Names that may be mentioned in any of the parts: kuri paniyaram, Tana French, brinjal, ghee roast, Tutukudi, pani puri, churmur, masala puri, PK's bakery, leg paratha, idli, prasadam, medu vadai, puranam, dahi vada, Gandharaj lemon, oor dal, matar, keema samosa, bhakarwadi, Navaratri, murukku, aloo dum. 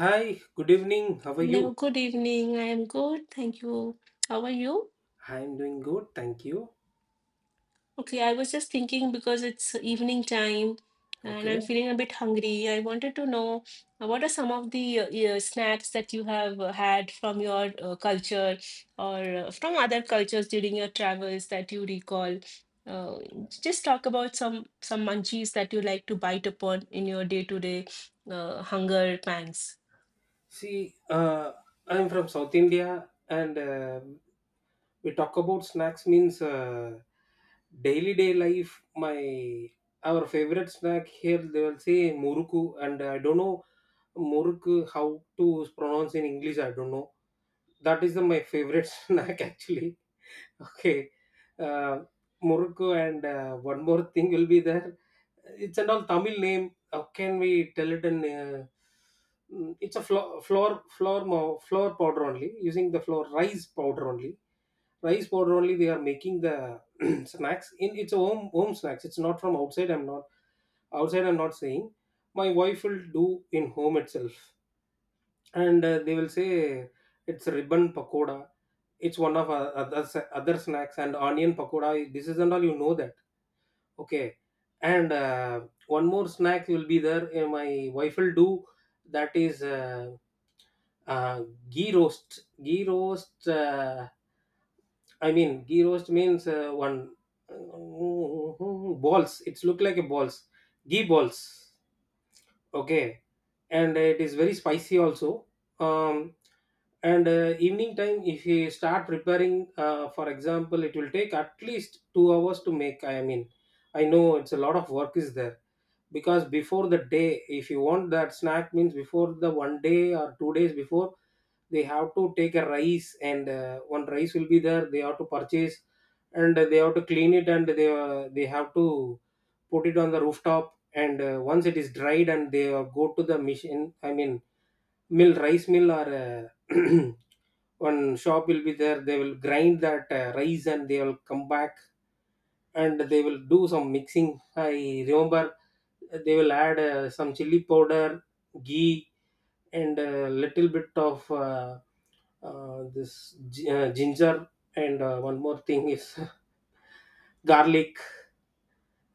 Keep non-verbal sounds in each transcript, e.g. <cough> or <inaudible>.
Hi, good evening. How are Hello, you? good evening. I am good. Thank you. How are you? I'm doing good, thank you. Okay, I was just thinking because it's evening time and I'm Okay. feeling a bit hungry. I wanted to know what are some of the yeah, snacks that you have had from your culture or from other cultures during your travels that you recall? Uh, just talk about some munchies that you like to bite upon in your day-to-day hunger pangs. See, I'm from South India, and we talk about snacks means daily day life. My our favorite snack here they will say muruku, and I don't know muruku how to pronounce in English. I don't know. That is my favorite <laughs> snack actually. <laughs> Okay. Uh, Morocco and one more thing will be there. It's an all Tamil name. How can we tell it in? It's a flour powder only. Using the flour rice powder only. Rice powder only. They are making the <clears throat> snacks in its home home snacks. It's not from outside. I'm not saying. My wife will do in home itself, and they will say it's ribbon pakoda. It's one of other snacks and onion pakoda, this is and all you know that. Okay, and one more snack will be there, my wife will do, that is uh, ghee roast. Ghee roast means one balls, it's look like a balls, ghee balls. Okay, and it is very spicy also. Um, and evening time, if you start preparing, for example, it will take at least 2 hours to make. I mean, I know it's a lot of work is there because before the day, if you want that snack, means before the one day or 2 days before, they have to take a rice and one rice will be there. They have to purchase and they have to clean it and they have to put it on the rooftop, and once it is dried and they go to the machine, I mean mill, rice mill, or uh, <clears throat> one shop will be there, they will grind that rice and they will come back and they will do some mixing. I remember they will add some chili powder, ghee, and a little bit of ginger, and one more thing is <laughs> garlic.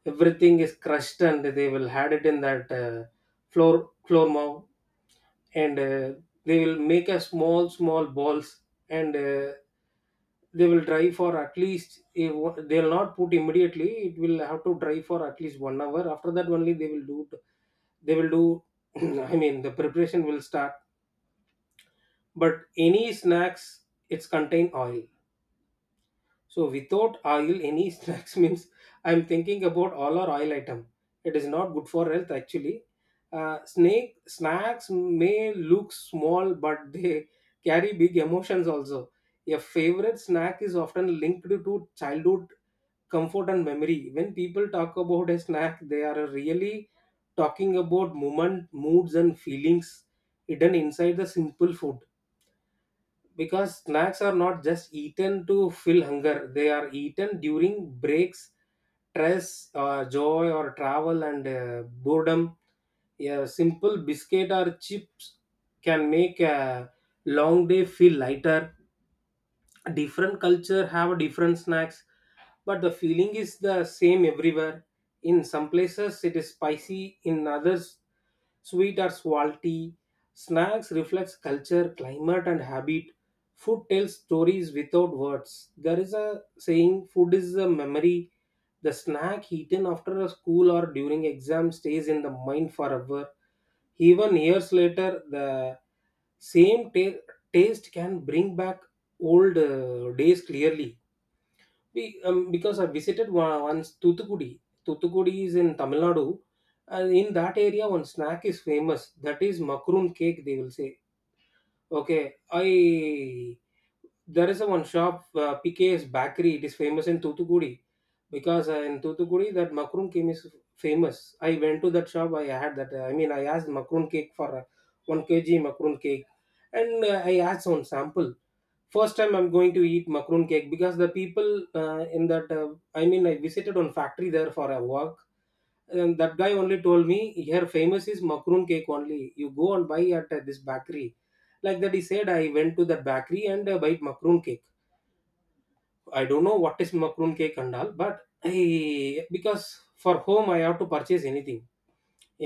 Everything is crushed and they will had it in that floor, floor mow, and they will make a small small balls, and they will dry for at least, they will not put immediately, it will have to dry for at least 1 hour. After that only they will they will do, <clears throat> I mean, the preparation will start. But any snacks, it's contain oil. So without oil, any <laughs> snacks means I'm thinking about all our oil item. It is not good for health actually. Snake Snacks may look small, but they carry big emotions also. A favorite snack is often linked to childhood comfort and memory. When people talk about a snack, they are really talking about moment, moods, and feelings hidden inside the simple food, because snacks are not just eaten to fill hunger, they are eaten during breaks, stress, joy, or travel, and boredom. A simple biscuit or chips can make a long day feel lighter. Different culture have different snacks, but the feeling is the same everywhere. In some places it is spicy, in others sweet or salty. Snacks reflects culture, climate, and habit. Food tells stories without words. There is a saying, food is a memory. The snack eaten after a school or during exam stays in the mind forever. Even years later, the same ta- taste can bring back old days clearly. We Because I visited one, once Tuthukudi. Tuthukudi is in Tamil Nadu, and in that area one snack is famous, that is makroon cake, they will say. Okay, I there is a one shop, PK's bakery. It is famous in Tutukudi because in Tutukudi that makroon cake is famous. I went to that shop. I had that. I mean, I asked makroon cake for 1 kg makroon cake, and I asked some sample. First time I'm going to eat makroon cake because the people in that. I mean, I visited one factory there for a work. And that guy only told me here famous is makroon cake only. You go and buy at this bakery. Like that, he said. I went to that bakery and bought makroon cake. I don't know what is macaron cake and all, but I, because for home I have to purchase anything.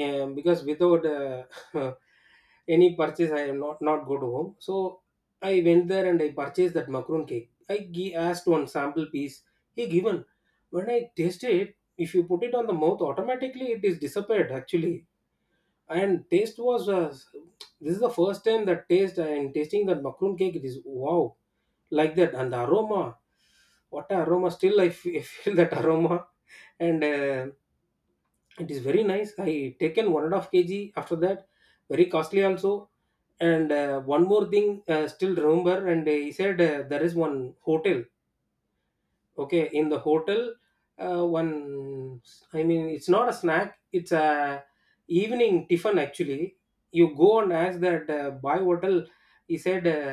Because without <laughs> any purchase I am not go to home. So I went there and I purchased that macaron cake. Asked one sample piece. He given. When I tasted it, if you put it on the mouth, automatically it is disappeared. Actually, and taste was this is the first time that taste, and tasting that macaron cake, it is wow, like that. And the aroma, what a aroma, still <laughs> feel that aroma. And it is very nice, I taken 1.5 kg after that, very costly also. And one more thing still remember. And he said there is one hotel. Okay, in the hotel, one, I mean it's not a snack, it's a evening tiffin actually. You go and ask that boy hotel, he said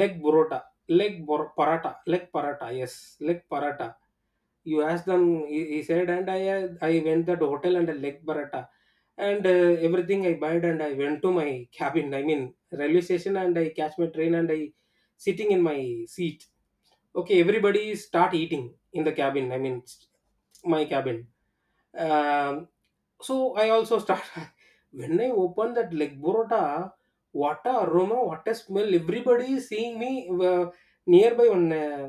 leg burota, leg paratha, yes, leg paratha, you ask them, he said. And I went that hotel and a leg paratha, and everything I bought, and I went to my cabin, I mean railway station, and I catch my train and I sitting in my seat. Okay, everybody start eating in the cabin, my cabin. um, so I also start <laughs> when I open that leg burrata, what a aroma, what a smell, everybody is seeing me. uh, Nearby one uh,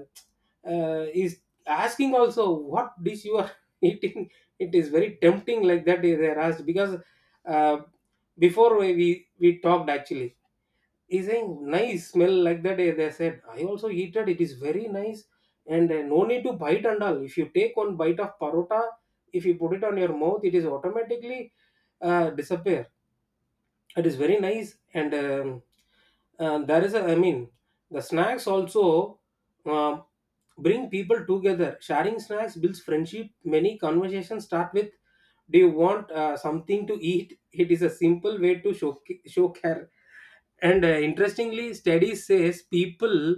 uh, is asking also, what dish you are <laughs> eating, it is very tempting, like that they are asked. Because uh, before we we talked actually, he's saying nice smell, like that. Eh, they said I also eat it, it is very nice. And eh, no need to bite and all. If you take one bite of parota, if you put it on your mouth, it is automatically disappear. It is very nice. And there is a, I mean, the snacks also uh, bring people together. Sharing snacks builds friendship. Many conversations start with, do you want something to eat. It is a simple way to show care. And interestingly, studies says people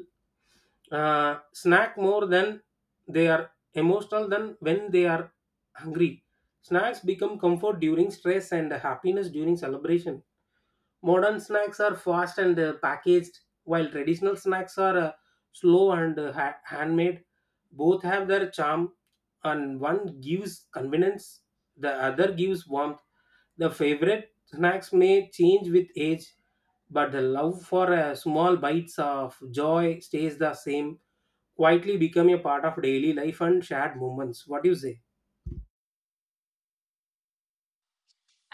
snack more than they are emotional than when they are hungry. Snacks become comfort during stress and happiness during celebration. Modern snacks are fast and packaged, while traditional snacks are handmade. Both have their charm, and one gives convenience, the other gives warmth. The favorite snacks may change with age, but the love for small bites of joy stays the same, quietly becoming a part of daily life and shared moments. What do you say?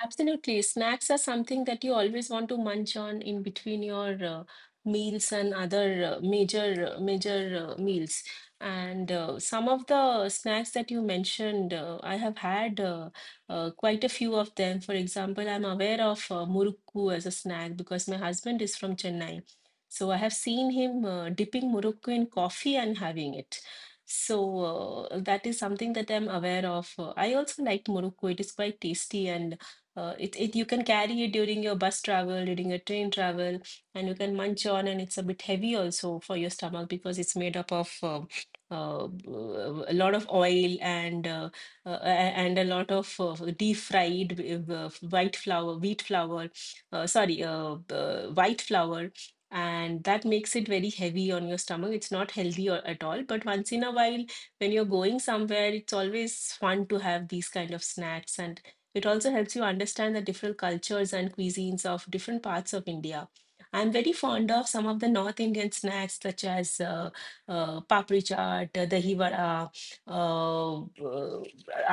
Absolutely. Snacks are something that you always want to munch on in between your meals and other major meals. And some of the snacks that you mentioned, I have had quite a few of them. For example, I'm aware of murukku as a snack because my husband is from Chennai. So I have seen him dipping murukku in coffee and having it. So that is something that I'm aware of. I also like murukku. It is quite tasty, and it, it you can carry it during your bus travel, during your train travel, and you can munch on, and it's a bit heavy also for your stomach because it's made up of a lot of oil and uh, and a lot of deep fried white flour, wheat flour, sorry, white flour, and that makes it very heavy on your stomach. It's not healthy or, at all. But once in a while, when you're going somewhere, it's always fun to have these kind of snacks, and it also helps you understand the different cultures and cuisines of different parts of India. I'm very fond of some of the North Indian snacks, such as papri chaat, dahi vada, uh, uh,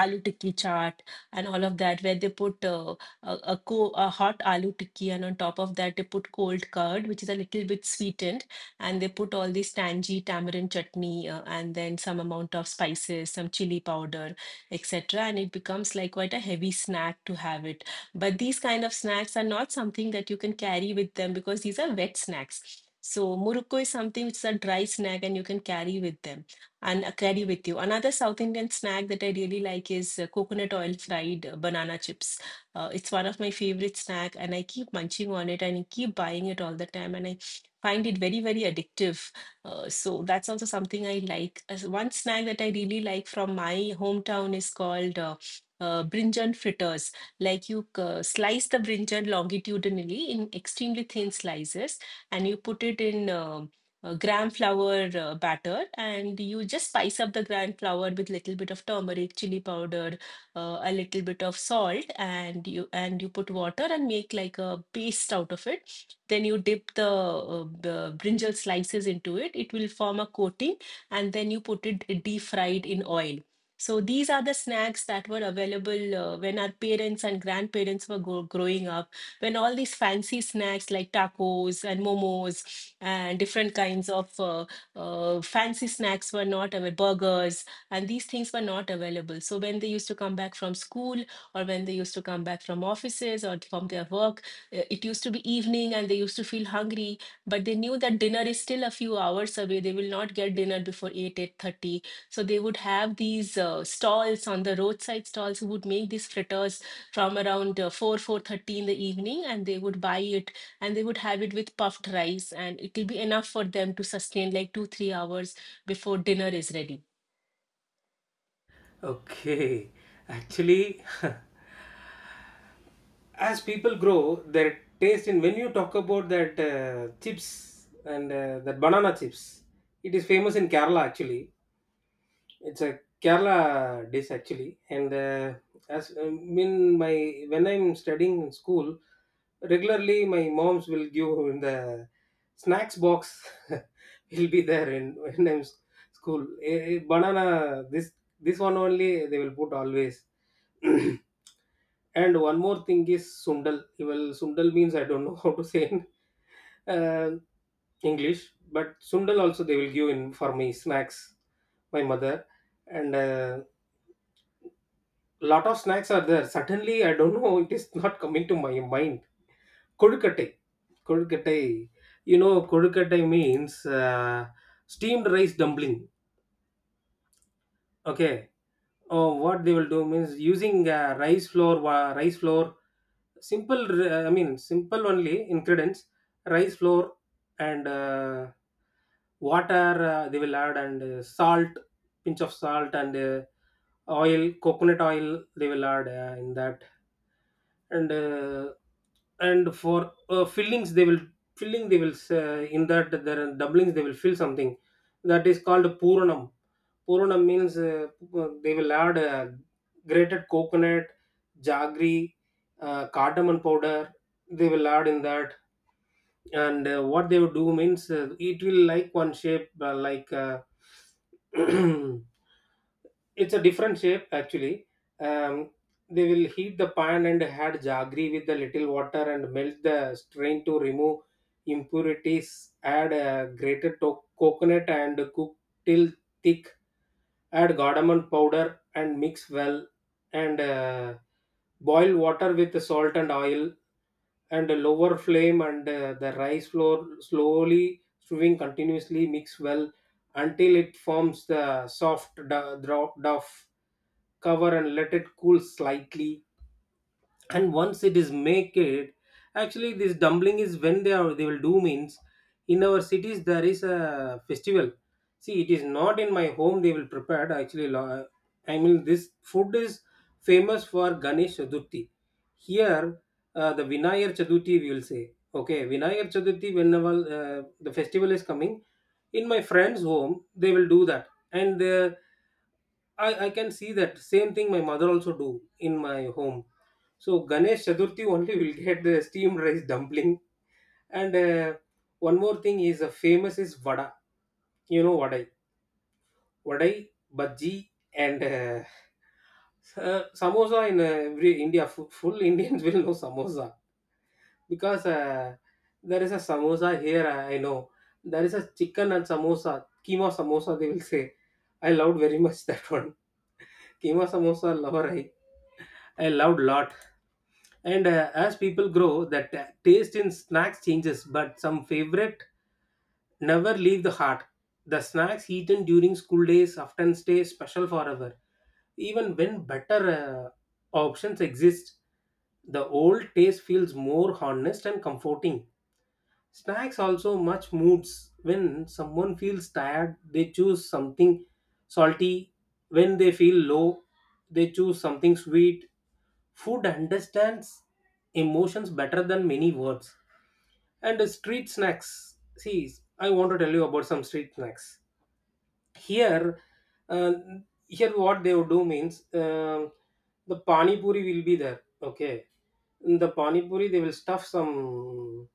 aloo tikki chaat, and all of that, where they put a hot aloo tikki, and on top of that they put cold curd, which is a little bit sweetened, and they put all this tangy tamarind chutney, and then some amount of spices, some chili powder, etc. And it becomes like quite a heavy snack to have it, but these kind of snacks are not something that you can carry with them because these are wet snacks. So murukku is something which is a dry snack, and you can carry with them and carry with you. Another South Indian snack that I really like is coconut oil fried banana chips. It's one of my favorite snack, and I keep munching on it, and I keep buying it all the time, and I find it very very addictive. So that's also something I like. As one snack that I really like from my hometown is called brinjan fritters. Like you slice the brinjan longitudinally in extremely thin slices, and you put it in gram flour batter, and you just spice up the gram flour with little bit of turmeric, chili powder, a little bit of salt, and you put water and make like a paste out of it. Then you dip the brinjal slices into it. It will form a coating, and then you put it deep fried in oil. So these are the snacks that were available when our parents and grandparents were go growing up, when all these fancy snacks like tacos and momos and different kinds of fancy snacks were not available, burgers, and these things were not available. So when they used to come back from school or when they used to come back from offices or from their work, it used to be evening and they used to feel hungry, but they knew that dinner is still a few hours away. They will not get dinner before 8 8:30, so they would have these stalls on the roadside, stalls who would make these fritters from around 4 4:30 in the evening, and they would buy it, and they would have it with puffed rice, and it will be enough for them to sustain like 2 3 hours before dinner is ready. Okay, <laughs> actually, <laughs> as people grow, their taste in when you talk about that chips and that banana chips, it is famous in Kerala actually. It's a Kerala dish actually. And as in my, when I'm studying in school, regularly my moms will give in the snacks box <laughs> will be there in when school. Eh, eh, banana, this one only they will put always. <clears throat> And one more thing is sundal. Well, sundal means I don't know <laughs> how to say in uh, English, but sundal also they will give in for me snacks, my mother, and lot of snacks are there. Suddenly, I don't know, it is not coming to my mind. Kodukattai, kodukattai. You know, kodukattai means steamed rice dumpling. Okay, what they will do means using rice flour, simple simple only ingredients, rice flour and water, they will add, and salt, pinch of salt, and oil, coconut oil they will add in that. And and for fillings they will filling they will, in that there are doublings, they will fill something that is called puranam. Puranam means they will add grated coconut, jaggery, cardamom powder. They will add in that, and what they will do means it will like one shape <clears throat> it's a different shape actually. Um, they will heat the pan and add jaggery with the little water and melt, the strain to remove impurities. Add a coconut and cook till thick. Add cardamom powder and mix well, and boil water with salt and oil, and lower flame and the rice flour, slowly stirring continuously, mix well until it forms the soft duff. Cover and let it cool slightly, and once it is made, actually this dumpling is when they will do means in our cities there is a festival. See, it is not in my home they will prepare actually. I mean this food is famous for Ganesh Chaturthi here, the Vinayar Chaturthi we will say. Okay, Vinayar Chaturthi, whenever the festival is coming, in my friend's home they will do that. And I can see that same thing my mother also do in my home. So Ganesh Chaturthi only will <laughs> get the steamed rice dumpling. And One more thing is famous is vada. You know, vadai, bhaji, and samosa in every India. Full Indians <laughs> will know samosa, because there is a samosa here. I know there is a chicken and samosa, keema samosa, they will say. I loved very <laughs> much that one. <laughs> Keema samosa lover, I loved lot. And As people grow, that taste in snacks changes, but some favorite never leave the heart. The snacks eaten during school days often stay special forever. Even when better options exist, the old taste feels more honest and comforting. Snacks also much moods. When someone feels tired, they choose something salty. When they feel low, they choose something sweet. Food understands emotions better than many words. And the street snacks. See, I want to tell you about some street snacks. Here, uh, here what they would do means the pani puri will be there. Okay, in the pani puri they will stuff some,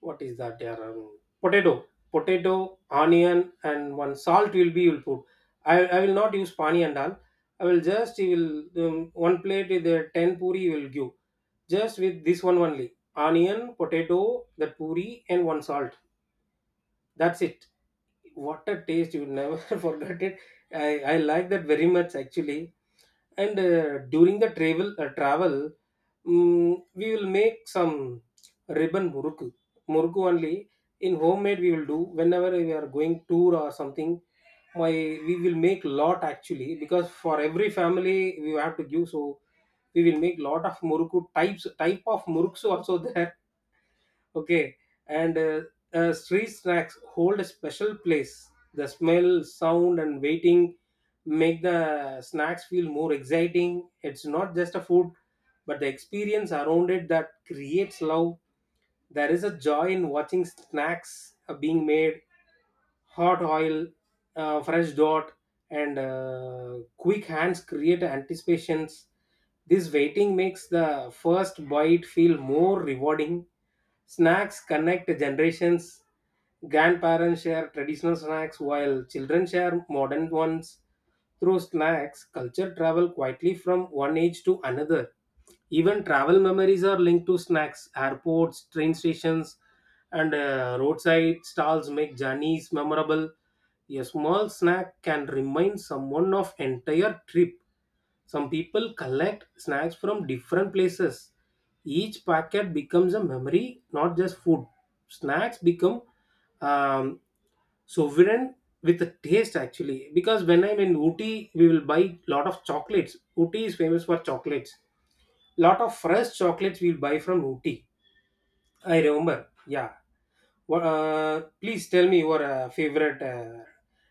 what is that? Yeah, potato, onion, and one salt will be you'll put. I will not use pani and all. I will just you will, one plate with the ten puri you will give, just with this one, only onion, potato, that puri, and one salt. That's it. What a taste, you will never <laughs> forget it. I i like that very much actually. And uh, during the travel uh, travel, we will make some ribbon muruku. Muruku only in homemade we will do whenever we are going tour or something. My We will make lot actually, because for every family we have to give, so we will make lot of muruku, type of muruks also <laughs> there. Okay, and street snacks hold a special place. The smell, sound, and waiting make the snacks feel more exciting. It's not just a food, but the experience around it that creates love. There is a joy in watching snacks being made, hot oil, fresh dot, and quick hands create anticipations. This waiting makes the first bite feel more rewarding. Snacks connect generations. Grandparents share traditional snacks while children share modern ones. Through snacks, culture travel quietly from one age to another. Even travel memories are linked to snacks, airports, train stations, and roadside stalls make journeys memorable. A small snack can remind someone of entire trip. Some people collect snacks from different places. Each packet becomes a memory, not just food. Snacks become um, sovereign with a taste actually, because when I'm in Ooty, we will buy lot of chocolates. Ooty is famous for chocolates, lot of fresh chocolates we'll buy from Ooty. I remember. Yeah. What? Please tell me your favorite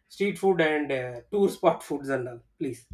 street food and tour spot foods and all, please.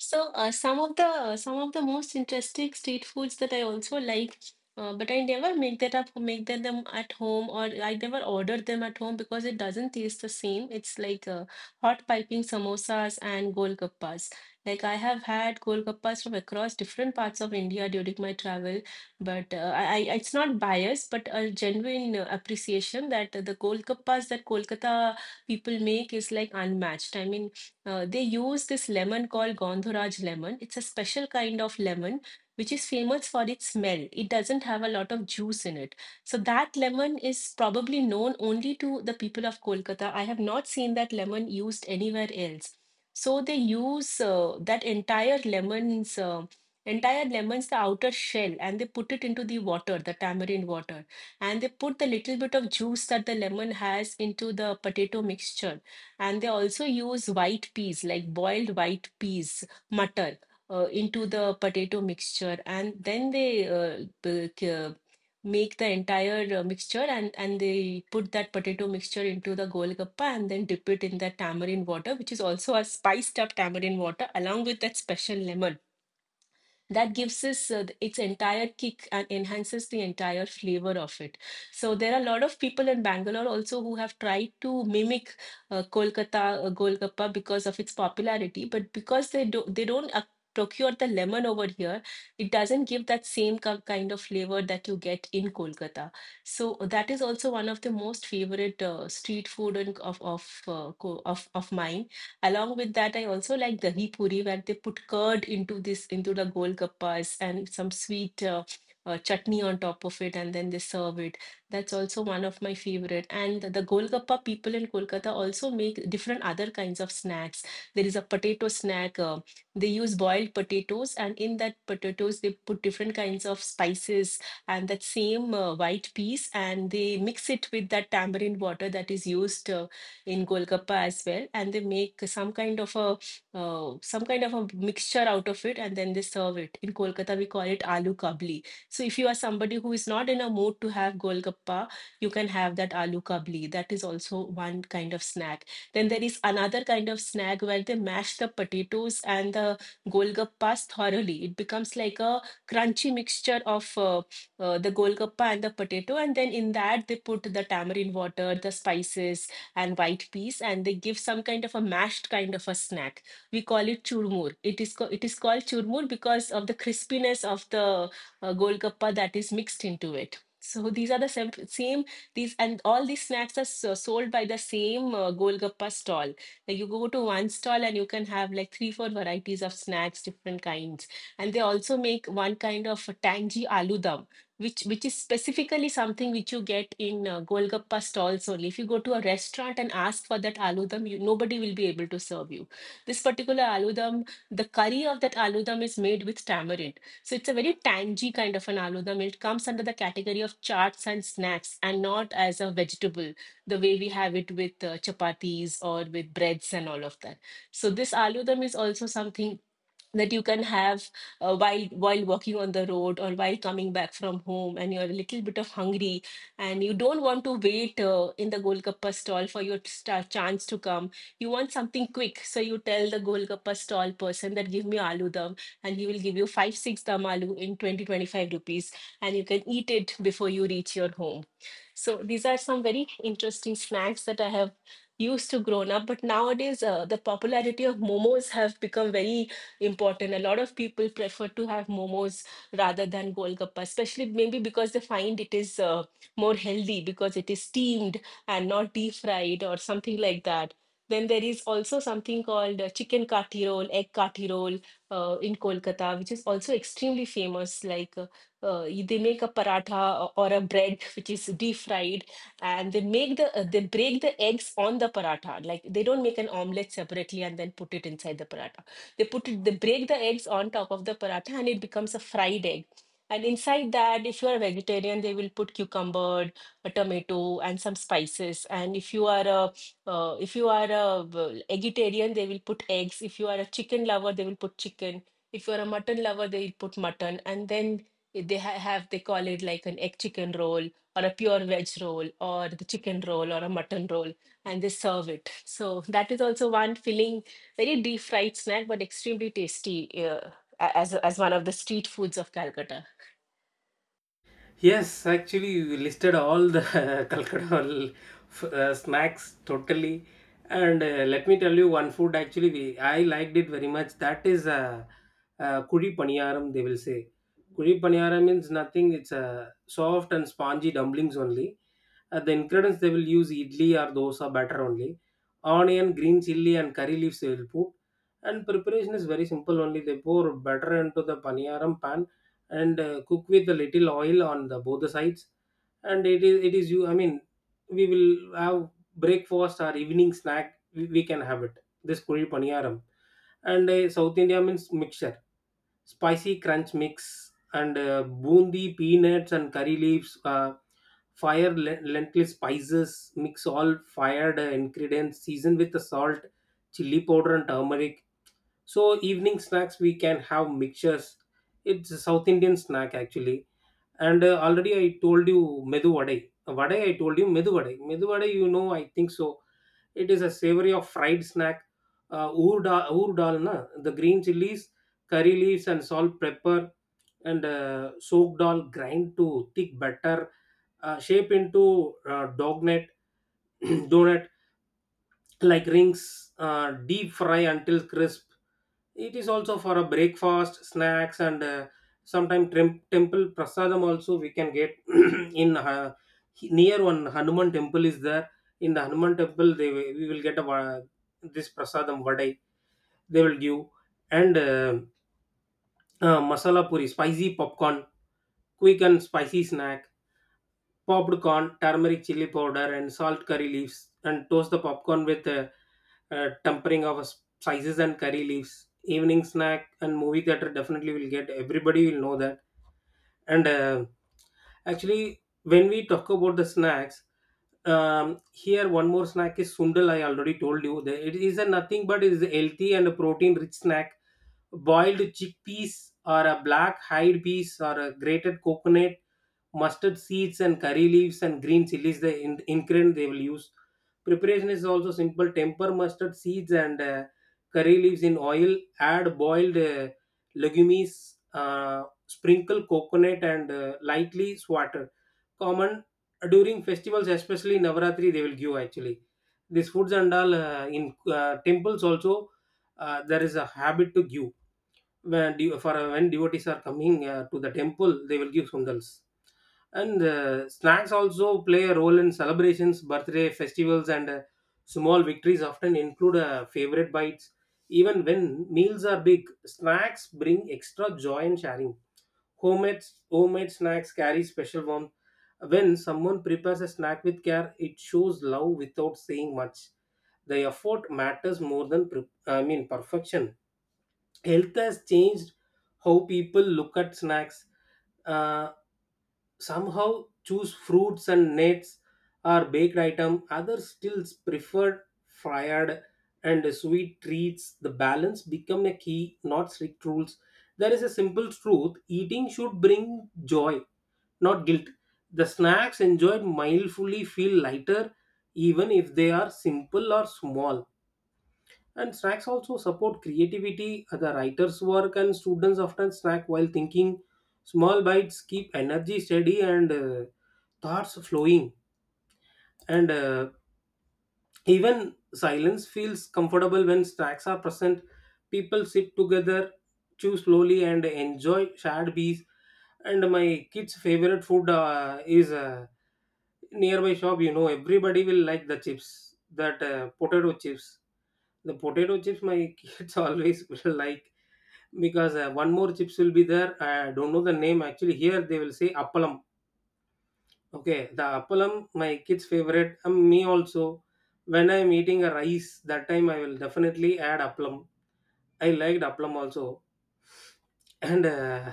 So, some of the most interesting street foods that I also like, but I never make that up, make that them at home, or I never order them at home because it doesn't taste the same. It's like hot piping samosas and golgappas. Like I have had golgappas from across different parts of India during my travel, but I it's not biased, but a genuine appreciation that the golgappas that Kolkata people make is like unmatched. I mean. They use this lemon called Gandharaj lemon. It's a special kind of lemon which is famous for its smell. It doesn't have a lot of juice in it. So that lemon is probably known only to the people of Kolkata. I have not seen that lemon used anywhere else. So they use that entire lemon's the outer shell, and they put it into the water, the tamarind water, and they put the little bit of juice that the lemon has into the potato mixture, and they also use white peas, like boiled white peas, matar, into the potato mixture. And then they make the entire mixture, and they put that potato mixture into the golgappa and then dip it in that tamarind water, which is also a spiced up tamarind water along with that special lemon that gives us its entire kick and enhances the entire flavor of it. So there are a lot of people in Bangalore also who have tried to mimic Kolkata Golgappa because of its popularity, but because they don't procure the lemon over here, it doesn't give that same kind of flavor that you get in Kolkata. So that is also one of the most favorite street food, and of co- of mine. Along with that, I also like dahi puri where they put curd into this into the golgappas and some sweet chutney on top of it, and then they serve it. That's also one of my favorite. And the golgappa people in Kolkata also make different other kinds of snacks. There is a potato snack. They use boiled potatoes, and in that potatoes they put different kinds of spices and that same white piece, and they mix it with that tamarind water that is used in Golgappa as well, and they make some kind of a some kind of a mixture out of it, and then they serve it. In Kolkata, we call it aloo kabli. So if you are somebody who is not in a mood to have Golgappa, you can have that aloo kabli. That is also one kind of snack. Then there is another kind of snack where they mash the potatoes and the Golgappas thoroughly. It becomes like a crunchy mixture of the Golgappa and the potato, and then in that they put the tamarind water, the spices, and white peas, and they give some kind of a mashed kind of a snack. We call it churmur. It is it is called churmur because of the crispiness of the golgappa that is mixed into it. So these are the same. These and all these snacks are sold by the same golgappa stall. Like you go to one stall, and you can have like three four varieties of snacks, different kinds, and they also make one kind of tangy aloo dum, which is specifically something which you get in Golgappa stalls only. If you go to a restaurant and ask for that aloo dum, you, nobody will be able to serve you. This particular aloo dum, the curry of that aloo dum is made with tamarind, so it's a very tangy kind of an aloo dum. It comes under the category of charts and snacks, and not as a vegetable the way we have it with chapatis or with breads and all of that. So this aloo dum is also something that you can have while walking on the road or while coming back from home, and you're a little bit of hungry, and you don't want to wait in the golgappa stall for your start chance to come. You want something quick, so you tell the golgappa stall person that give me aloo dum, and he will give you 5 6 dum aloo in twenty twenty five rupees, and you can eat it before you reach your home. So these are some very interesting snacks that I have used to grown up, but nowadays the popularity of momos have become very important. A lot of people prefer to have momos rather than golgappa, especially maybe because they find it is more healthy because it is steamed and not deep fried or something like that. Then there is also something called chicken kati roll, egg kati roll in Kolkata, which is also extremely famous. Like, they make a paratha or a bread which is deep fried, and they make the they break the eggs on the paratha. Like they don't make an omelette separately and then put it inside the paratha, they put it, they break the eggs on top of the paratha and it becomes a fried egg. And inside that, if you are a vegetarian they will put cucumber, a tomato and some spices. And if you are a uh, if you are a vegetarian, they will put eggs. If you are a chicken lover they will put chicken, if you are a mutton lover they will put mutton, and then it- they ha- have they call it like an egg chicken roll or a pure veg roll or the chicken roll or a mutton roll, and they serve it. So that is also one filling, very deep fried snack, but extremely tasty. Uh, a- as as one of the street foods of Calcutta. Yes, actually, we listed all the <laughs> cultural snacks totally. And Let me tell you one food actually we I liked it very much. That is kuri paniyaram, they will say. Kuri paniyaram means nothing. It's soft and spongy dumplings only. The ingredients they will use idli or dosa batter only. Onion, green chili, and curry leaves they will put. And preparation is very simple only. They pour batter into the paniyaram pan and cook with a little oil on the both the sides, and it is you I mean we will have breakfast or evening snack, we can have it, this kuri paniyaram. And South India means mixture, spicy crunch mix, and boondi, peanuts, and curry leaves, lentil spices, mix all fired ingredients, season with the salt, chili powder, and turmeric. So evening snacks we can have mixtures. It's a South Indian snack actually. And Already I told you medu vadai, vadai. I told you medu vadai, medu vadai. You know, I think so it is a savory of fried snack. Oor dal na, the green chilies, curry leaves, and salt pepper, and soaked dal grind to thick batter, shape into dognet <clears throat> donut like rings, deep fry until crisp. It is also for a breakfast, snacks, and sometime temple prasadam also we can get. <clears throat> in Near one Hanuman temple is there. In the Hanuman temple, we will get a, this prasadam vadai they will give. And masala puri, spicy popcorn, quick and spicy snack, popped corn, turmeric, chili powder, and salt, curry leaves, and toast the popcorn with a tempering of spices and curry leaves. Evening snack and movie theater, definitely will get, everybody will know that. And Actually when we talk about the snacks, here one more snack is sundal. I already told you that it is a nothing, but it is a healthy and a protein rich snack. Boiled chickpeas or a black hide peas or a grated coconut, mustard seeds and curry leaves and green chilies, the ingredient they will use. Preparation is also simple. Temper mustard seeds and curry leaves in oil, add boiled legumes, uh, sprinkle coconut and lightly water. Common during festivals, especially Navaratri, they will give actually. These foods and all in temples also, there is a habit to give. When, de- for when devotees are coming to the temple, they will give sundals. And Snacks also play a role in celebrations, birthday festivals, and small victories often include favorite bites. Even when meals are big, snacks bring extra joy and sharing. Homemade, Homemade snacks carry special warmth. When someone prepares a snack with care, it shows love without saying much. The effort matters more than perfection. Health has changed how people look at snacks. Uh, Somehow choose fruits and nuts or baked item, others still preferred fried and sweet treats. The balance become a key, not strict rules. There is a simple truth: eating should bring joy, not guilt. The snacks enjoyed mindfully feel lighter, even if they are simple or small. And snacks also support creativity. The writer's work and students often snack while thinking. Small bites keep energy steady and thoughts flowing. And Even silence feels comfortable when snacks are present. People sit together, chew slowly, and enjoy shared bees. And my kids' favorite food is nearby shop. You know, everybody will like the chips, that potato chips. The potato chips my <laughs> kids always will like, because one more chips will be there. I don't know the name actually. Here they will say appalam. Okay, the appalam, my kids favorite. Me also. When I'm eating a rice, that time I will definitely add appalam. I liked appalam also, and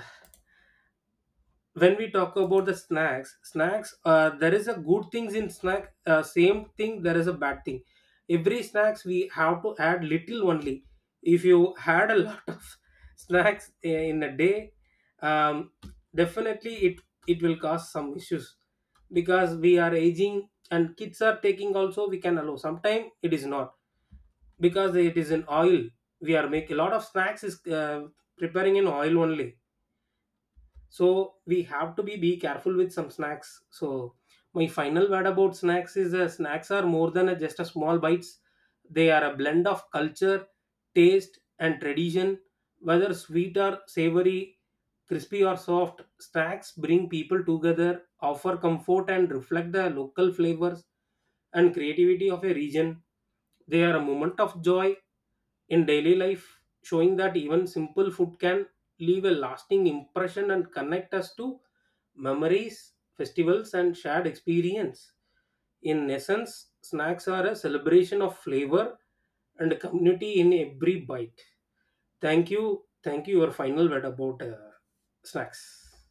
when we talk about the snacks, there is a good things in snack, same thing there is a bad thing. Every snacks we have to add little only. If you had a lot of <laughs> snacks, in a day, um, definitely it will cause some issues, because we are aging and kids are taking also, we can allow sometime. It is not, because it is in oil, we are making a lot of snacks is preparing in oil only. So we have to be careful with some snacks. So my final word about snacks is snacks are more than a just a small bites. They are a blend of culture, taste, and tradition. Whether sweet or savory, crispy or soft, snacks bring people together, offer comfort, and reflect the local flavors and creativity of a region. They are a moment of joy in daily life, showing that even simple food can leave a lasting impression and connect us to memories, festivals, and shared experience. In essence, snacks are a celebration of flavor and community in every bite. Thank you. Thank you. Your final word about snacks.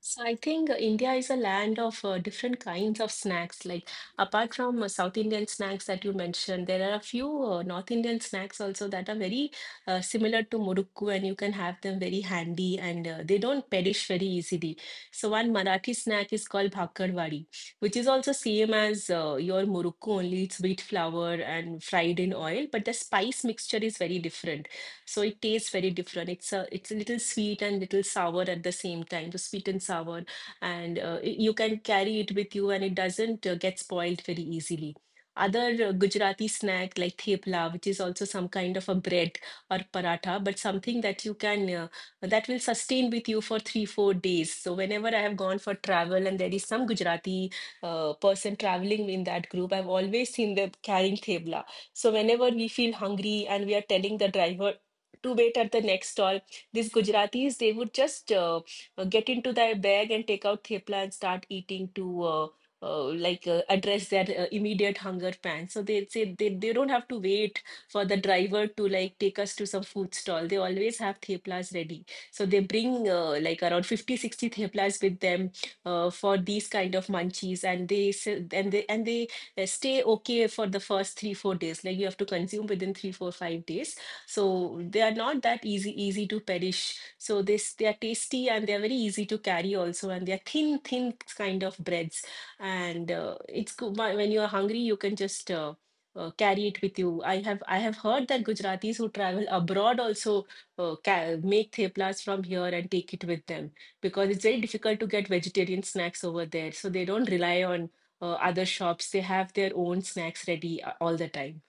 So I think India is a land of different kinds of snacks. Like, apart from South Indian snacks that you mentioned, there are a few North Indian snacks also that are very similar to murukku, and you can have them very handy, and they don't perish very easily. So one Marathi snack is called bhakarwadi, which is also same as your murukku, only it's wheat flour and fried in oil, but the spice mixture is very different. So it tastes very different. It's a little sweet and little sour at the same time, the sweet and sour, and you can carry it with you, and it doesn't get spoiled very easily. Other Gujarati snack like thepla, which is also some kind of a bread or paratha, but something that you can that will sustain with you for 3 4 days. So whenever I have gone for travel and there is some Gujarati person traveling in that group, I've always seen them carrying thepla. So whenever we feel hungry and we are telling the driver to wait at the next stall. These Gujaratis, they would just get into their bag and take out thepla and start eating to address their immediate hunger pan. So they say they don't have to wait for the driver to like take us to some food stall. They always have theplas ready. So they bring like around 50, 60 theplas with them for these kind of munchies, and and they stay okay for the first three, 4 days. Like you have to consume within three, four, 5 days, so they are not that easy to perish. So this, they are tasty and they are very easy to carry also, and they are thin kind of breads. And it's good when you are hungry, you can just carry it with you. I have heard that Gujaratis who travel abroad also make theplas from here and take it with them because it's very difficult to get vegetarian snacks over there. So they don't rely on other shops. They have their own snacks ready all the time.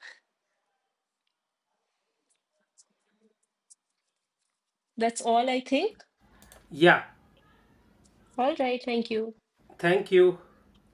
That's all I think. Yeah. All right, thank you. Thank you.